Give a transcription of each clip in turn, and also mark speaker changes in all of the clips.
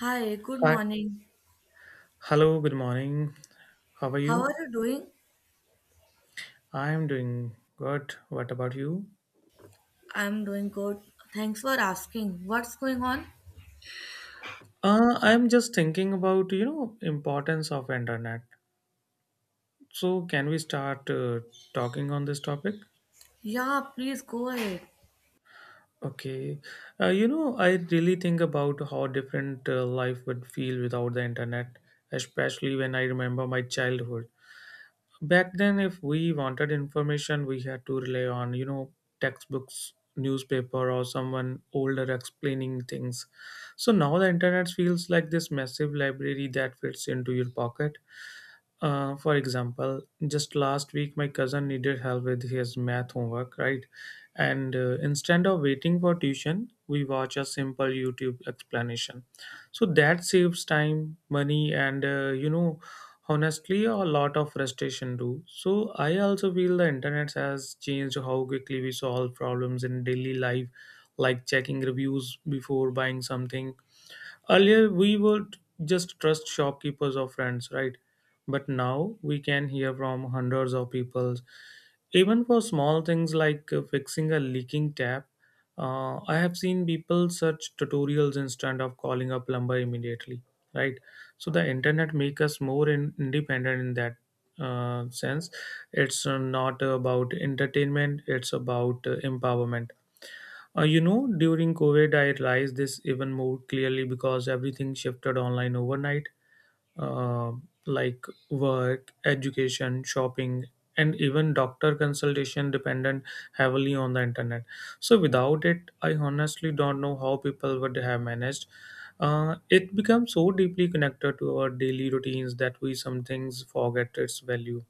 Speaker 1: Hi, good
Speaker 2: Hi.
Speaker 1: morning.
Speaker 2: Hello, good morning. How are
Speaker 1: How are
Speaker 2: you?
Speaker 1: you doing?
Speaker 2: I am doing good. What about you?
Speaker 1: I'm doing good. Thanks for asking. What's going on?
Speaker 2: I'm just thinking about, importance of internet. So can we start talking on this topic?
Speaker 1: Yeah, please go ahead.
Speaker 2: Okay. I really think about how different life would feel without the internet, especially when I remember my childhood. Back then, if we wanted information, we had to rely on textbooks, newspaper, or someone older explaining things. So now the internet feels like this massive library that fits into your pocket. For example, just last week, my cousin needed help with his math homework, right? And instead of waiting for tuition, we watch a simple YouTube explanation. So that saves time, money, and honestly, a lot of frustration too. So I also feel the internet has changed how quickly we solve problems in daily life, like checking reviews before buying something. Earlier, we would just trust shopkeepers or friends, right? But now we can hear from hundreds of people. Even for small things like fixing a leaking tap, I have seen people search tutorials instead of calling a plumber immediately, right? So the internet make us more independent in that sense. It's not about entertainment; it's about empowerment. During COVID, I realized this even more clearly because everything shifted online overnight, like work, education, shopping, and even doctor consultation dependent heavily on the internet. So without it, I honestly don't know how people would have managed. It becomes so deeply connected to our daily routines that we some things forget its value,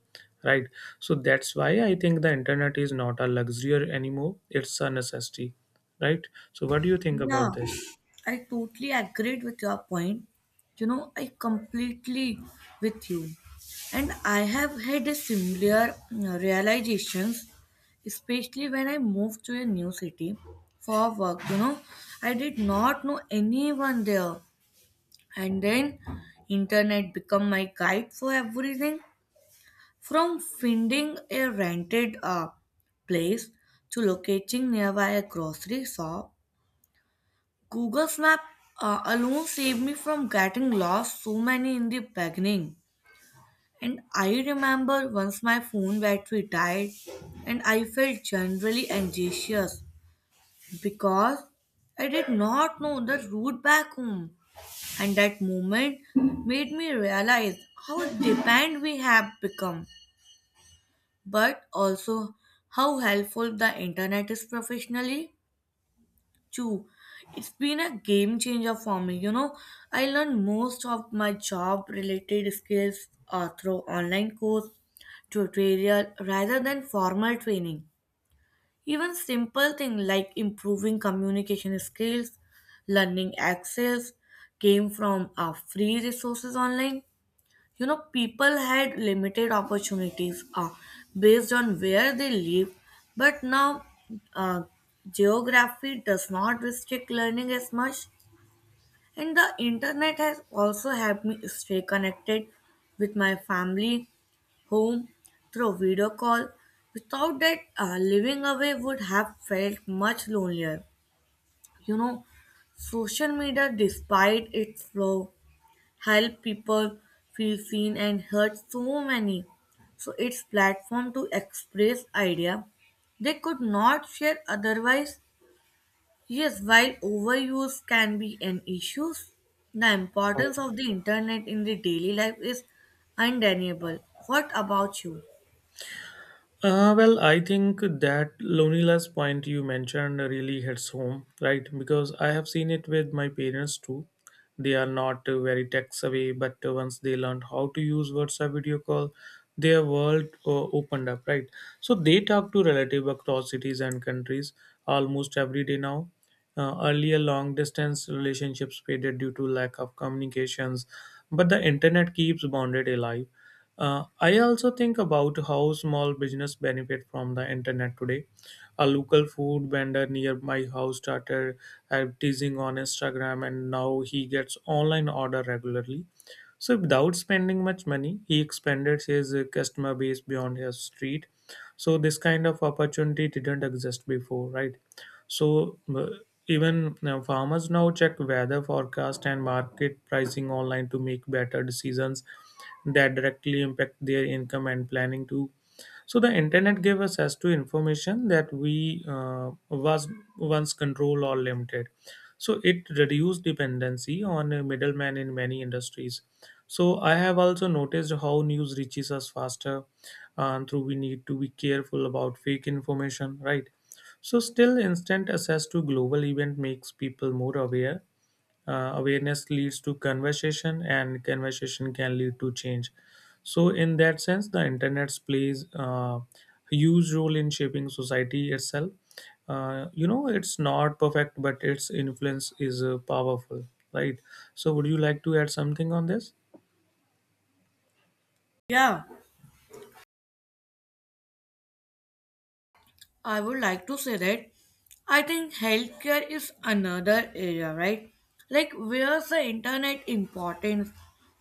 Speaker 2: right? So that's why I think the internet is not a luxury anymore; it's a necessity, right? So what do you think
Speaker 1: Yeah,
Speaker 2: about this?
Speaker 1: I totally agreed with your point. You know, I completely with you. And I have had a similar realizations, especially when I moved to a new city for work. You know, I did not know anyone there. And then internet become my guide for everything. From finding a rented place to locating nearby a grocery shop, Google's map alone saved me from getting lost so many in the beginning. And I remember once my phone battery died and I felt generally anxious because I did not know the route back home. And that moment made me realize how dependent we have become, but also how helpful the internet is professionally too. It's been a game changer for me. You know, I learned most of my job related skills through online course, tutorial rather than formal training. Even simple things like improving communication skills, learning access came from our free resources online. You know, people had limited opportunities based on where they live, but now, uh, geography does not restrict learning as much. And the internet has also helped me stay connected with my family home through video call. Without that, living away would have felt much lonelier. You know, social media, despite its flaw, help people feel seen and heard so many. So its platform to express idea they could not share otherwise. Yes, while overuse can be an issue, the importance of the internet in the daily life is undeniable. What about you?
Speaker 2: Well, I think that loneliness point you mentioned really hits home, right? Because I have seen it with my parents too. They are not very tech savvy, but once they learned how to use WhatsApp video call, their world opened up, right? So they talk to relatives across cities and countries almost every day now. Earlier, long distance relationships faded due to lack of communications, but the internet keeps bonded alive. I also think about how small business benefit from the internet today. A local food vendor near my house started advertising on Instagram, and now he gets online order regularly. So without spending much money, he expanded his customer base beyond his street. So this kind of opportunity didn't exist before, right? So uh, Even now, farmers now check weather forecast and market pricing online to make better decisions that directly impact their income and planning too. So the internet gave us as to information that we was once control or limited. So it reduced dependency on a middleman in many industries. So I have also noticed how news reaches us faster, and through we need to be careful about fake information, right? So, still, instant access to global event makes people more aware. Awareness leads to conversation, and conversation can lead to change. So, in that sense, the internet plays a huge role in shaping society itself. It's not perfect, but its influence is powerful, right? So, would you like to add something on this?
Speaker 1: Yeah, I would like to say that I think healthcare is another area, right? Like where the internet importance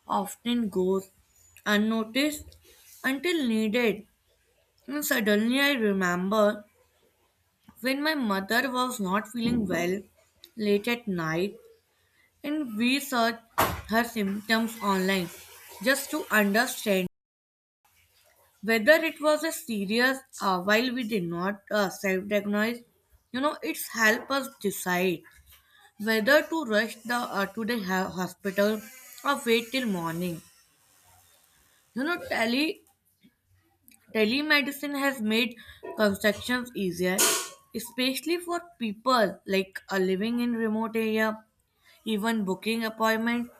Speaker 1: often goes unnoticed until needed. And suddenly I remember when my mother was not feeling well late at night, and we searched her symptoms online just to understand whether it was a serious while we did not self-diagnose. You know, it's helped us decide whether to rush the to the hospital or wait till morning. You know, telemedicine has made constructions easier, especially for people like living in remote area. Even booking appointments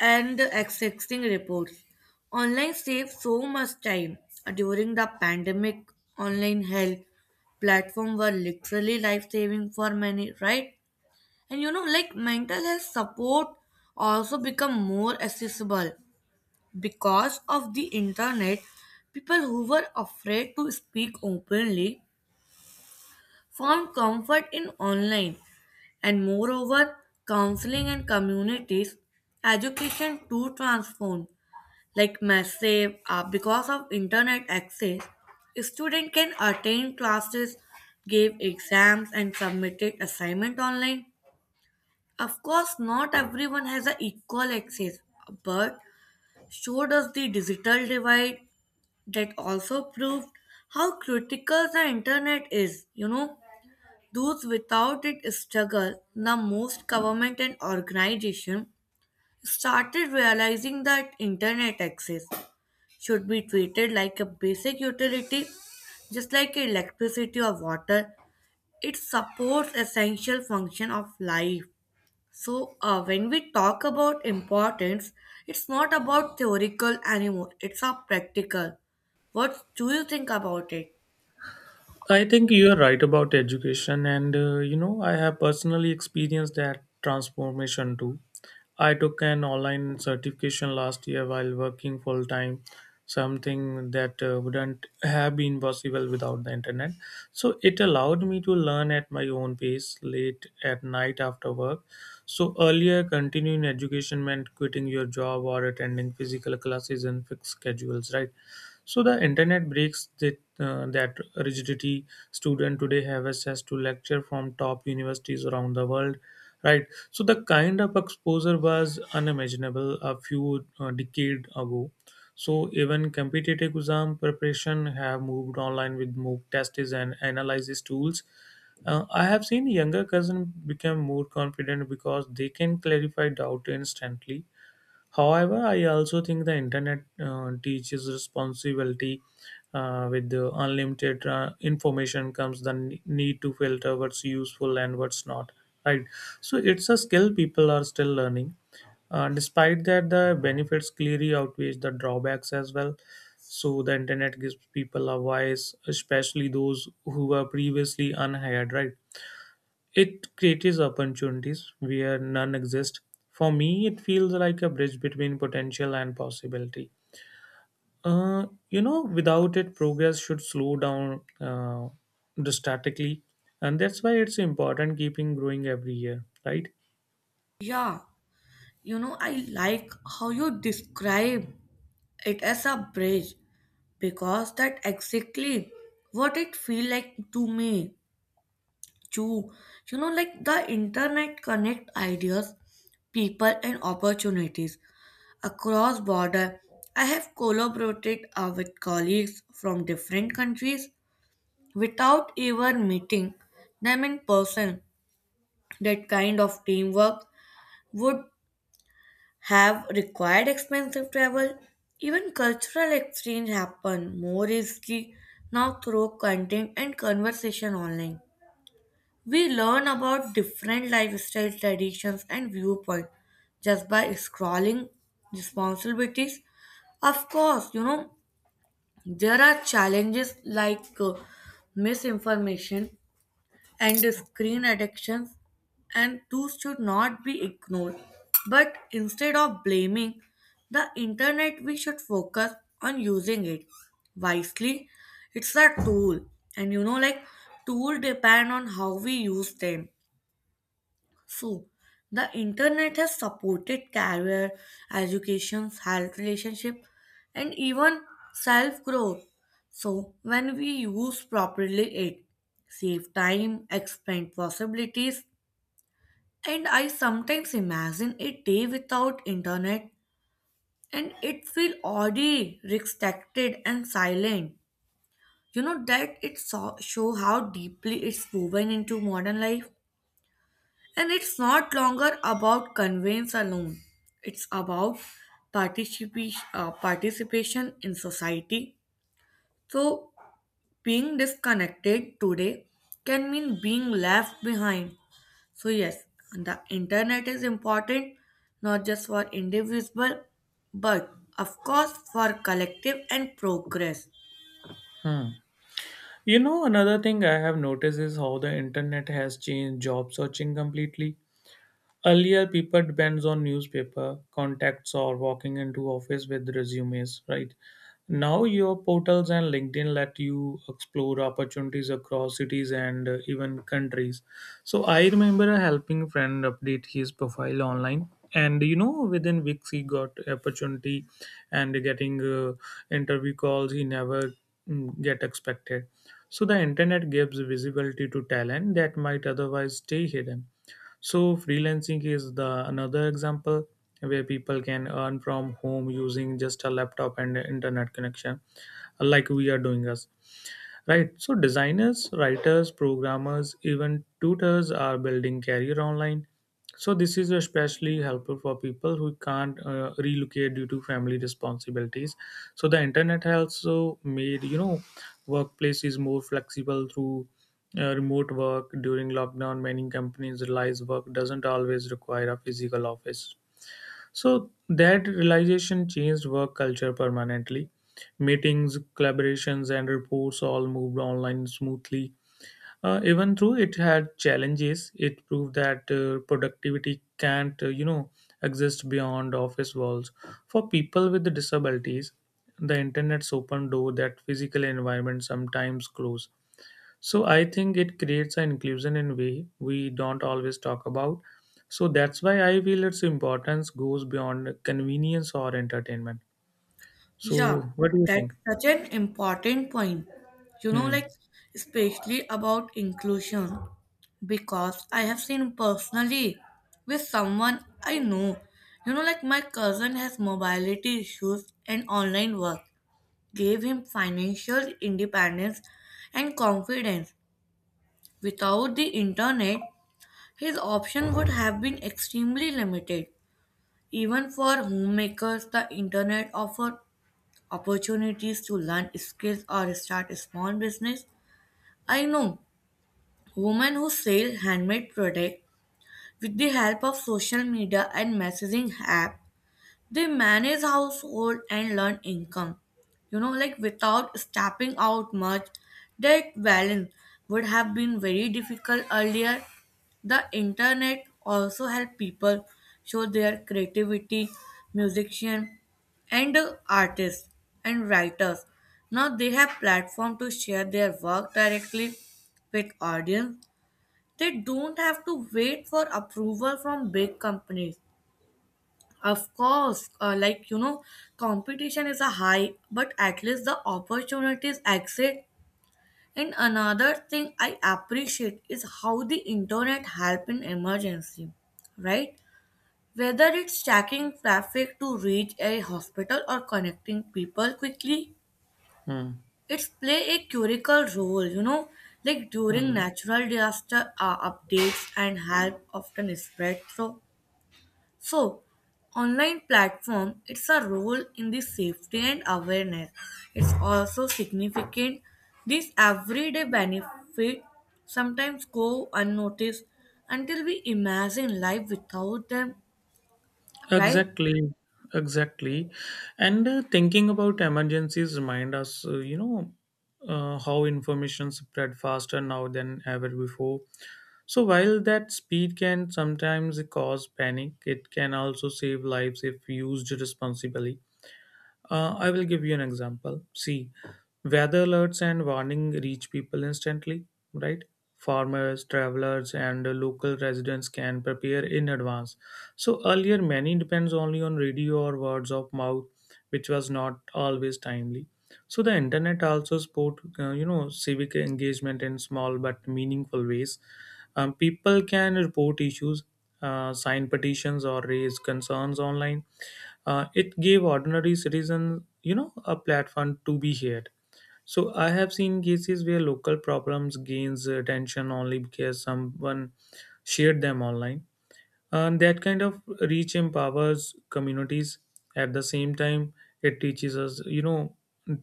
Speaker 1: and the existing reports. Online saved so much time. During the pandemic, online health platform were literally life saving for many, right? And you know, like mental health support also become more accessible because of the internet. People who were afraid to speak openly found comfort in online, and moreover, counseling and communities education too transformed, like massive because of internet access. Student can attend classes, give exams and submit it assignment online. Of course not everyone has a equal access, but so does the digital divide. That also proved how critical the internet is. You know, those without it struggle the most. Government and organization started realizing that internet access should be treated like a basic utility, just like electricity or water. It supports essential function of life. So when we talk about importance, it's not about theoretical anymore. It's a practical. What do you think about it?
Speaker 2: I think you are right about education, and I have personally experienced that transformation too. I took an online certification last year while working full time, something that wouldn't have been possible without the internet. So it allowed me to learn at my own pace late at night after work. So earlier, continuing education meant quitting your job or attending physical classes and fixed schedules, right? So the internet breaks that rigidity. Students today have access to lecture from top universities around the world, right? So the kind of exposure was unimaginable a few decades ago. So even competitive exam preparation have moved online with mock tests and analysis tools. I have seen younger cousin become more confident because they can clarify doubt instantly. However, I also think the internet teaches responsibility. With the unlimited information comes the need to filter what's useful and what's not. Right. So it's a skill people are still learning. Despite that, the benefits clearly outweighs the drawbacks as well. So the internet gives people a voice, especially those who were previously unheard. Right, it creates opportunities where none exist. For me, it feels like a bridge between potential and possibility. Without it, progress should slow down drastically, and that's why it's important keeping growing every year, right?
Speaker 1: Yeah, you know, I like how you describe it as a bridge because that exactly what it feel like to me. True. You know, like the internet connect ideas, people and opportunities across border. I have collaborated with colleagues from different countries without ever meeting them in person. That kind of teamwork would have required expensive travel. Even cultural exchange happen more easily now through content and conversation online. We learn about different lifestyle traditions and viewpoints just by scrolling responsibilities. Of course, you know, there are challenges like misinformation and screen addictions, and those should not be ignored. But instead of blaming the internet, we should focus on using it wisely. It's a tool, and you know, like, tool depend on how we use them. So the internet has supported career, education, health, relationship, and even self growth. So when we use properly, it save time, expand possibilities. And I sometimes imagine a day without internet, and it feel odd, restricted, and silent. You know that it show how deeply it's woven into modern life. And it's not longer about conveyance alone, it's about participation in society. So being disconnected today can mean being left behind. So yes, the internet is important not just for individual but of course for collective and progress.
Speaker 2: Hmm. You know, another thing I have noticed is how the internet has changed job searching completely. Earlier, people depends on newspaper, contacts, or walking into office with resumes, right? Now, your portals and LinkedIn let you explore opportunities across cities and even countries. So I remember a helping friend update his profile online, and you know, within weeks he got opportunity and getting interview calls he never get expected. So the internet gives visibility to talent that might otherwise stay hidden. So freelancing is the another example where people can earn from home using just a laptop and internet connection, like we are doing us. Right. So designers, writers, programmers, even tutors are building career online. So this is especially helpful for people who can't relocate due to family responsibilities. So the internet also made, you know, workplaces more flexible through remote work during lockdown. Many companies realize work doesn't always require a physical office. So that realization changed work culture permanently. Meetings, collaborations, and reports all moved online smoothly. Even though it had challenges, it proved that productivity can't exist beyond office walls. For people with disabilities, the internet's open door that physical environment sometimes close. So I think it creates an inclusion in way we don't always talk about. So that's why I feel its importance goes beyond convenience or entertainment.
Speaker 1: Yeah,
Speaker 2: So what do you
Speaker 1: that's
Speaker 2: think?
Speaker 1: such an important point. You know, like,
Speaker 2: Hmm.
Speaker 1: especially about inclusion, because I have seen personally with someone I know. You know, like, my cousin has mobility issues, and online work gave him financial independence and confidence. Without the internet, his option would have been extremely limited. Even for homemakers, the internet offers opportunities to learn skills or start a small business. I know women who sell handmade products with the help of social media and messaging app. They manage household and learn income. You know, like without stepping out much, that balance would have been very difficult earlier. The internet also help people show their creativity, musician and artists and writers. Now they have platform to share their work directly with audience. They don't have to wait for approval from big companies. Of course, like you know, competition is a high, but at least the opportunities exist. And another thing I appreciate is how the internet help in emergency, right? Whether it's checking traffic to reach a hospital or connecting people quickly,
Speaker 2: Hmm.
Speaker 1: it's play a critical role. You know, like during
Speaker 2: Hmm.
Speaker 1: natural disaster updates and help often spread through. So online platform it's a role in the safety and awareness. It's also significant. These everyday benefit sometimes go unnoticed until we imagine life without them, right?
Speaker 2: Exactly. Exactly. And thinking about emergencies remind us, how information spread faster now than ever before. So while that speed can sometimes cause panic, it can also save lives if used responsibly. I will give you an example. See, weather alerts and warnings reach people instantly, right? Farmers, travelers, and local residents can prepare in advance. So earlier, many depends only on radio or words of mouth, which was not always timely. So the internet also support, civic engagement in small but meaningful ways. People can report issues, sign petitions, or raise concerns online. It gave ordinary citizens, you know, a platform to be heard. So I have seen cases where local problems gains attention only because someone shared them online. And that kind of reach empowers communities. At the same time, it teaches us, you know,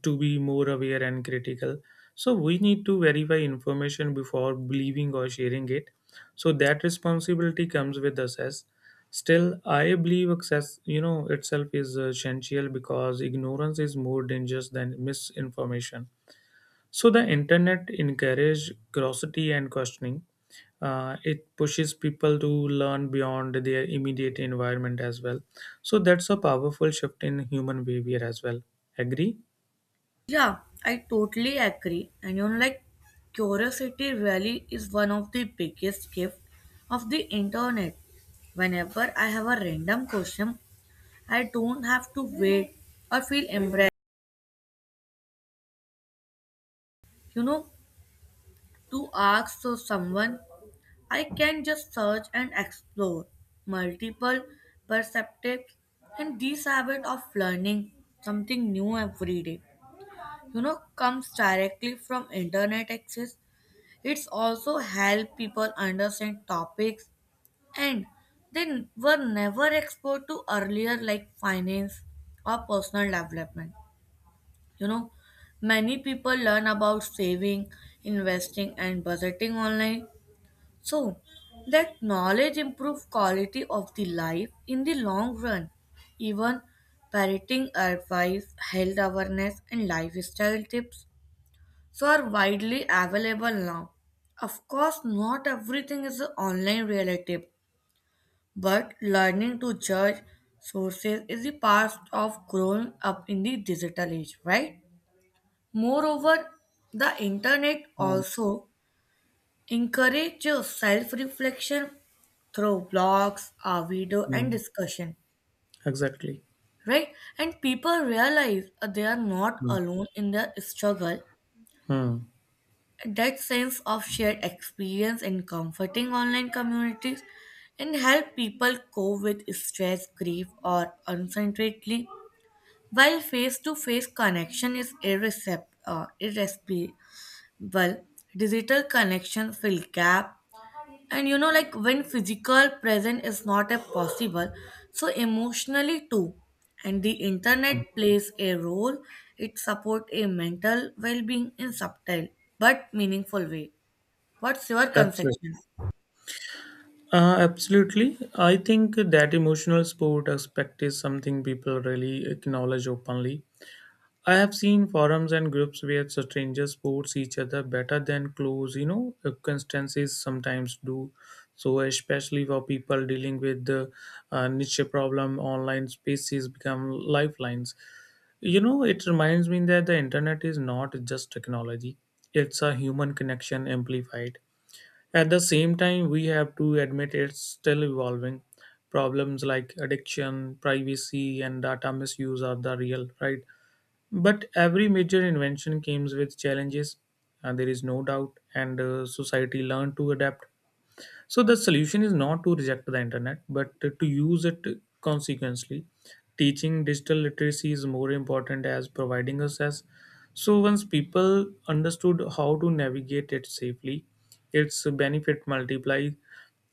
Speaker 2: to be more aware and critical. So we need to verify information before believing or sharing it. So that responsibility comes with access. Still, I believe access, you know, itself is essential because ignorance is more dangerous than misinformation. So the internet encourages curiosity and questioning. It pushes people to learn beyond their immediate environment as well. So that's a powerful shift in human behavior as well. Agree?
Speaker 1: Yeah, I totally agree. And you know, like curiosity really is one of the biggest gifts of the internet. Whenever I have a random question, I don't have to wait or feel embarrassed. You know, to ask so someone, I can just search and explore multiple perspectives, and this habit of learning something new every day, you know, comes directly from internet access. It's also help people understand topics and they were never exposed to earlier like finance or personal development. You know, many people learn about saving, investing, and budgeting online, so that knowledge improves quality of the life in the long run. Even parenting advice, health awareness, and lifestyle tips so are widely available now. Of course, not everything is online relative, but learning to judge sources is the part of growing up in the digital age, right? Moreover, the internet
Speaker 2: Mm.
Speaker 1: also encourage your self reflection through blogs, a video, and
Speaker 2: Mm.
Speaker 1: discussion,
Speaker 2: Exactly.
Speaker 1: right? And people realize they are not
Speaker 2: Mm.
Speaker 1: alone in their struggle.
Speaker 2: Hmm.
Speaker 1: That sense of shared experience in comforting online communities and help people cope with stress, grief, or uncertainty. While face to face connection is irresistible, digital connection fill gap. And you know like when physical present is not a possible, so emotionally too, and the
Speaker 2: Mm.
Speaker 1: internet plays a role. It support a mental well-being in subtle but meaningful way. What's your
Speaker 2: Absolutely.
Speaker 1: conception?
Speaker 2: Absolutely. I think that emotional support aspect is something people really acknowledge openly. I have seen forums and groups where strangers support each other better than close, you know, acquaintances sometimes do. So, especially for people dealing with the niche problem, online spaces become lifelines. You know, it reminds me that the internet is not just technology, it's a human connection amplified. At the same time, we have to admit it's still evolving. Problems like addiction, privacy, and data misuse are the real, right? But every major invention comes with challenges, and there is no doubt, and society learned to adapt. So the solution is not to reject the internet, but to use it consequently. Teaching digital literacy is more important as providing access. So once people understood how to navigate it safely, its benefit multiplies.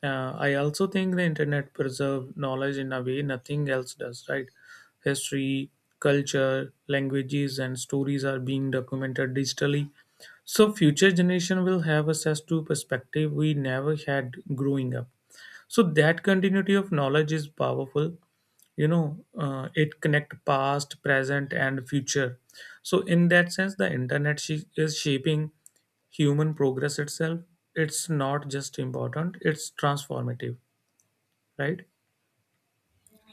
Speaker 2: I also think the internet preserve knowledge in a way nothing else does. Right, history, culture, languages, and stories are being documented digitally, so future generation will have access to perspective we never had growing up. So that continuity of knowledge is powerful. It connect past, present, and future. So in that sense, the internet is shaping human progress itself. It's not just important; it's transformative, right?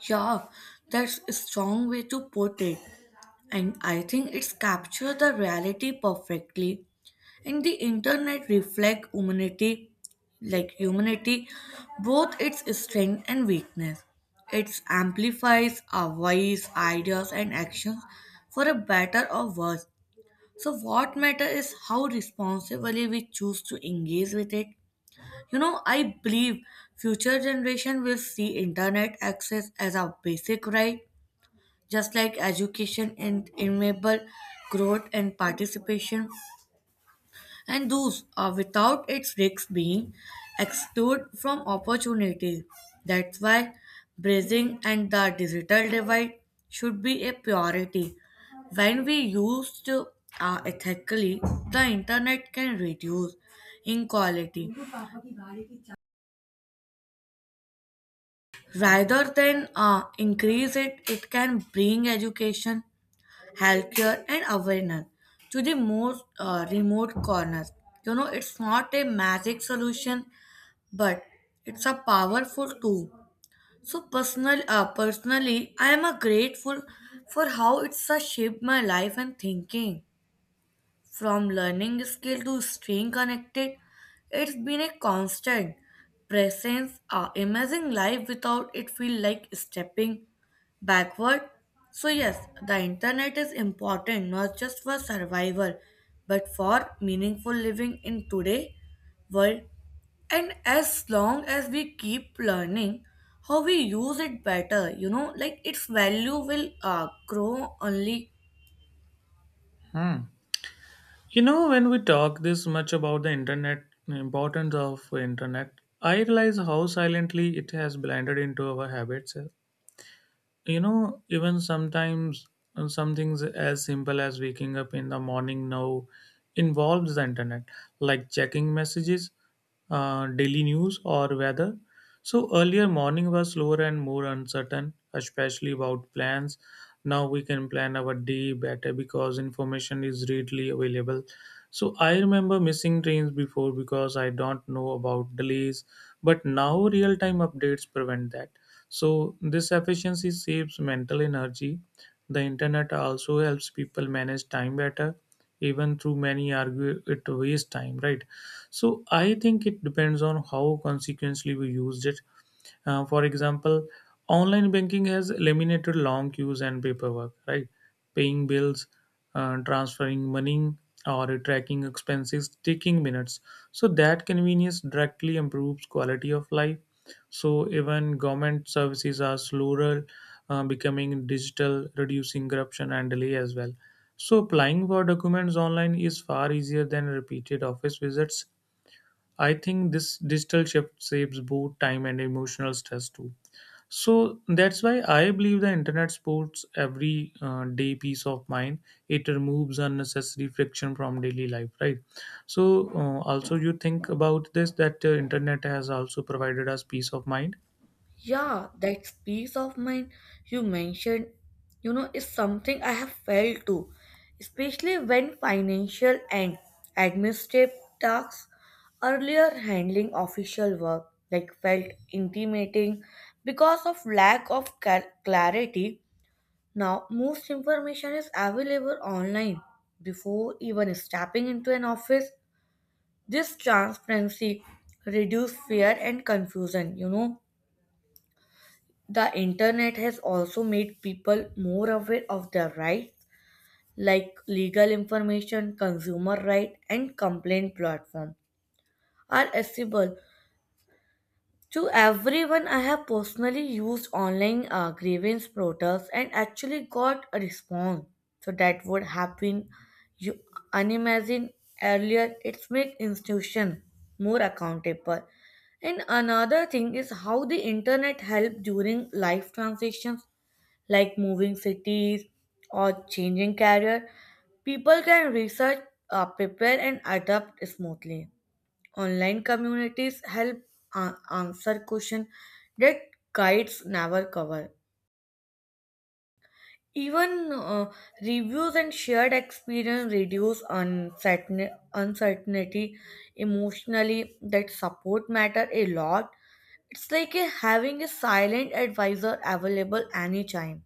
Speaker 1: Yeah, that's a strong way to put it. And I think it's captured the reality perfectly. And the internet reflect humanity, like humanity, both its strength and weakness. It amplifies our voice, ideas, and actions for a better or worse. So what matters is how responsibly we choose to engage with it. You know, I believe future generation will see internet access as a basic right, just like education, and enable growth and participation. And those are without its risks being excluded from opportunity. That's why bridging and the digital divide should be a priority. When we used ethically, the internet can reduce inequality rather than increase it. It can bring education, healthcare, and awareness to the most remote corners. You know, it's not a magic solution, but it's a powerful tool. So personally, I am grateful for how it's shaped my life and thinking. From learning skill to staying connected, it's been a constant presence. Imagine life without it feel like stepping backward. So yes, the internet is important not just for survival, but for meaningful living in today world. And as long as we keep learning how we use it better, you know, like its value will grow only.
Speaker 2: Hmm. You know, when we talk this much about the internet, importance of internet, I realize how silently it has blended into our habits you know even sometimes some things as simple as waking up in the morning now involves the internet, like checking messages, daily news or weather. So earlier morning was slower and more uncertain especially about plans. Now we can plan our day better because information is readily available. So I remember missing trains before because I don't know about delays, but now real time updates prevent that. So this efficiency saves mental energy. The internet also helps people manage time better, even through many argue it wastes time, right? So I think it depends on how consequently we used it. For example, online banking has eliminated long queues and paperwork, right? Paying bills, transferring money, or tracking expenses taking minutes. So that convenience directly improves quality of life. So even government services are slower, becoming digital, reducing corruption and delay as well. So applying for documents online is far easier than repeated office visits. I think this digital shift saves both time and emotional stress too. So that's why I believe the internet supports every day peace of mind. It removes unnecessary friction from daily life, right? So also you think about this that internet has also provided us peace of mind.
Speaker 1: Yeah, that peace of mind you mentioned, you know, is something I have felt too, especially when financial and administrative tasks earlier handling official work like felt intimidating because of lack of clarity. Now, most information is available online before even stepping into an office. This transparency reduce fear and confusion. You know, the internet has also made people more aware of their rights, like legal information, consumer right, and complaint platform are accessible to everyone. I have personally used online grievance portals and actually got a response. So that would happen. You unimagined earlier. It's make institution more accountable. And another thing is how the internet helped during life transitions like moving cities or changing career, people can research, prepare, and adapt smoothly. Online communities help answer questions that guides never cover. Even reviews and shared experience reduce uncertainty emotionally. That support matter a lot. It's like a, having a silent advisor available anytime.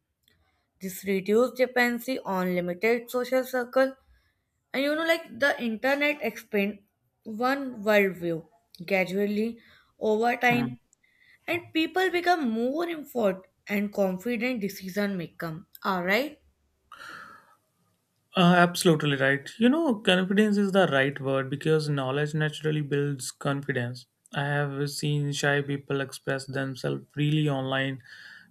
Speaker 1: This reduced dependency on limited social circle. And you know like the internet expand one worldview gradually over
Speaker 2: Hmm.
Speaker 1: time, and people become more informed and confident decision maker, all right?
Speaker 2: Absolutely right. You know, confidence is the right word because knowledge naturally builds confidence. I have seen shy people express themselves freely online,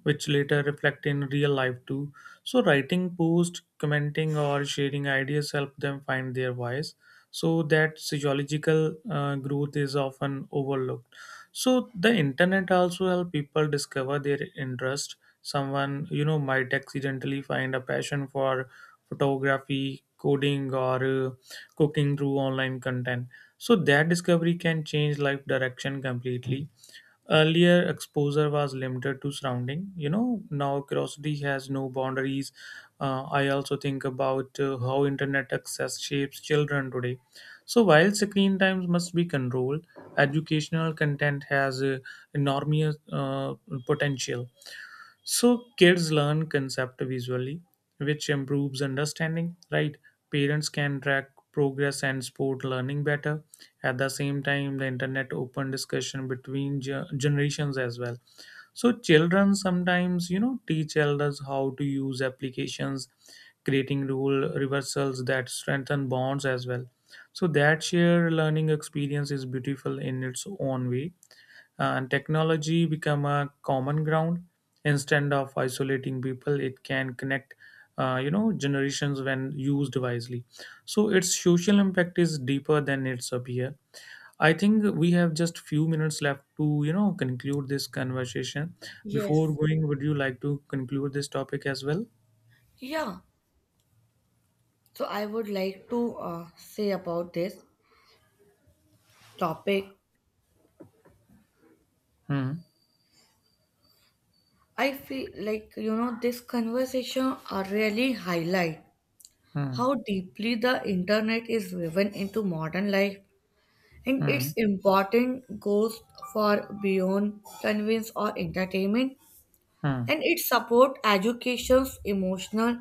Speaker 2: which later reflect in real life too. So writing posts, commenting, or sharing ideas help them find their voice. So that psychological growth is often overlooked. So the internet also help people discover their interest. Someone, you know, might accidentally find a passion for photography, coding, or cooking through online content. So that discovery can change life direction completely. Earlier, exposure was limited to surrounding. You know, now curiosity has no boundaries. I also think about how internet access shapes children today. So while screen times must be controlled, educational content has enormous potential. So kids learn concept visually, which improves understanding, right? Parents can track progress and support learning better. At the same time, the internet open discussion between generations as well. So children sometimes, you know, teach elders how to use applications, creating rule reversals that strengthen bonds as well. So that shared learning experience is beautiful in its own way, and technology become a common ground. Instead of isolating people, it can connect you know generations when used wisely. So its social impact is deeper than its appear. I think we have just few minutes left to, you know, conclude this conversation. Before
Speaker 1: Yes.
Speaker 2: going, would you like to conclude this topic as well?
Speaker 1: Yeah, so I would like to say about this topic.
Speaker 2: Hmm.
Speaker 1: I feel like you know this conversation really highlight
Speaker 2: Hmm.
Speaker 1: how deeply the internet is woven into modern life, and
Speaker 2: Hmm.
Speaker 1: its importance goes far beyond convenience or entertainment.
Speaker 2: Hmm.
Speaker 1: And it supports education's emotional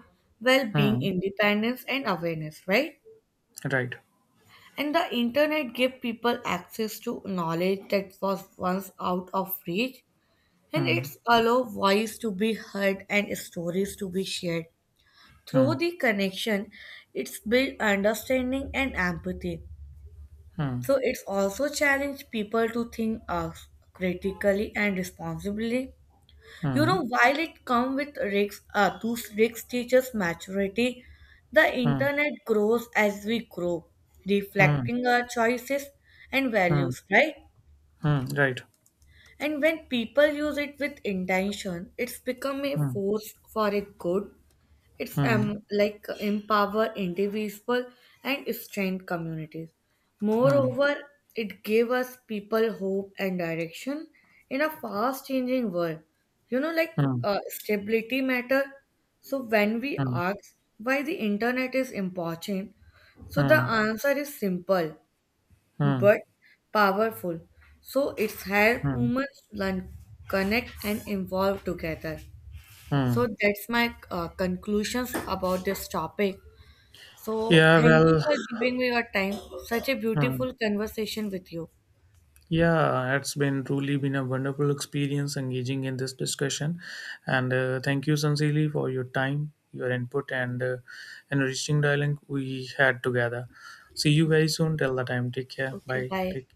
Speaker 1: well-being
Speaker 2: Hmm,
Speaker 1: independence and awareness, right?
Speaker 2: right.
Speaker 1: And the internet gave people access to knowledge that was once out of reach. And
Speaker 2: Hmm.
Speaker 1: it's allow voice to be heard and stories to be shared.
Speaker 2: Hmm.
Speaker 1: Through the connection, it's built understanding and empathy.
Speaker 2: Hmm.
Speaker 1: So it's also challenged people to think critically and responsibly. You know,
Speaker 2: Hmm.
Speaker 1: while it comes with risks, those risks teaches maturity. The
Speaker 2: Hmm.
Speaker 1: internet grows as we grow,
Speaker 2: Hmm.
Speaker 1: reflecting our choices and
Speaker 2: Hmm.
Speaker 1: values, right?
Speaker 2: Hmm, right.
Speaker 1: And when people use it with intention, it's become a
Speaker 2: Hmm.
Speaker 1: force for a good. It's
Speaker 2: Hmm.
Speaker 1: like empower individual and strengthen communities.
Speaker 2: Hmm.
Speaker 1: Moreover, it gave us people hope and direction in a fast changing world. You know, like
Speaker 2: Hmm.
Speaker 1: stability matter. So when we
Speaker 2: Hmm.
Speaker 1: ask why the internet is important, so the
Speaker 2: Hmm.
Speaker 1: answer is simple
Speaker 2: Hmm.
Speaker 1: but powerful. So it's help
Speaker 2: Hmm.
Speaker 1: humans learn, connect, and evolve together. So
Speaker 2: Mm.
Speaker 1: that's my conclusions about this topic. So
Speaker 2: Yeah,
Speaker 1: thank you
Speaker 2: well.
Speaker 1: for giving me your time. Such a
Speaker 2: Hmm.
Speaker 1: beautiful conversation with you.
Speaker 2: Yeah, it's been truly been a wonderful experience engaging in this discussion, and thank you sincerely for your time, your input, and enriching dialogue we had together. See you very
Speaker 1: Okay.
Speaker 2: soon. Till the time, take care.
Speaker 1: Okay.
Speaker 2: Bye.
Speaker 1: Bye.
Speaker 2: Take.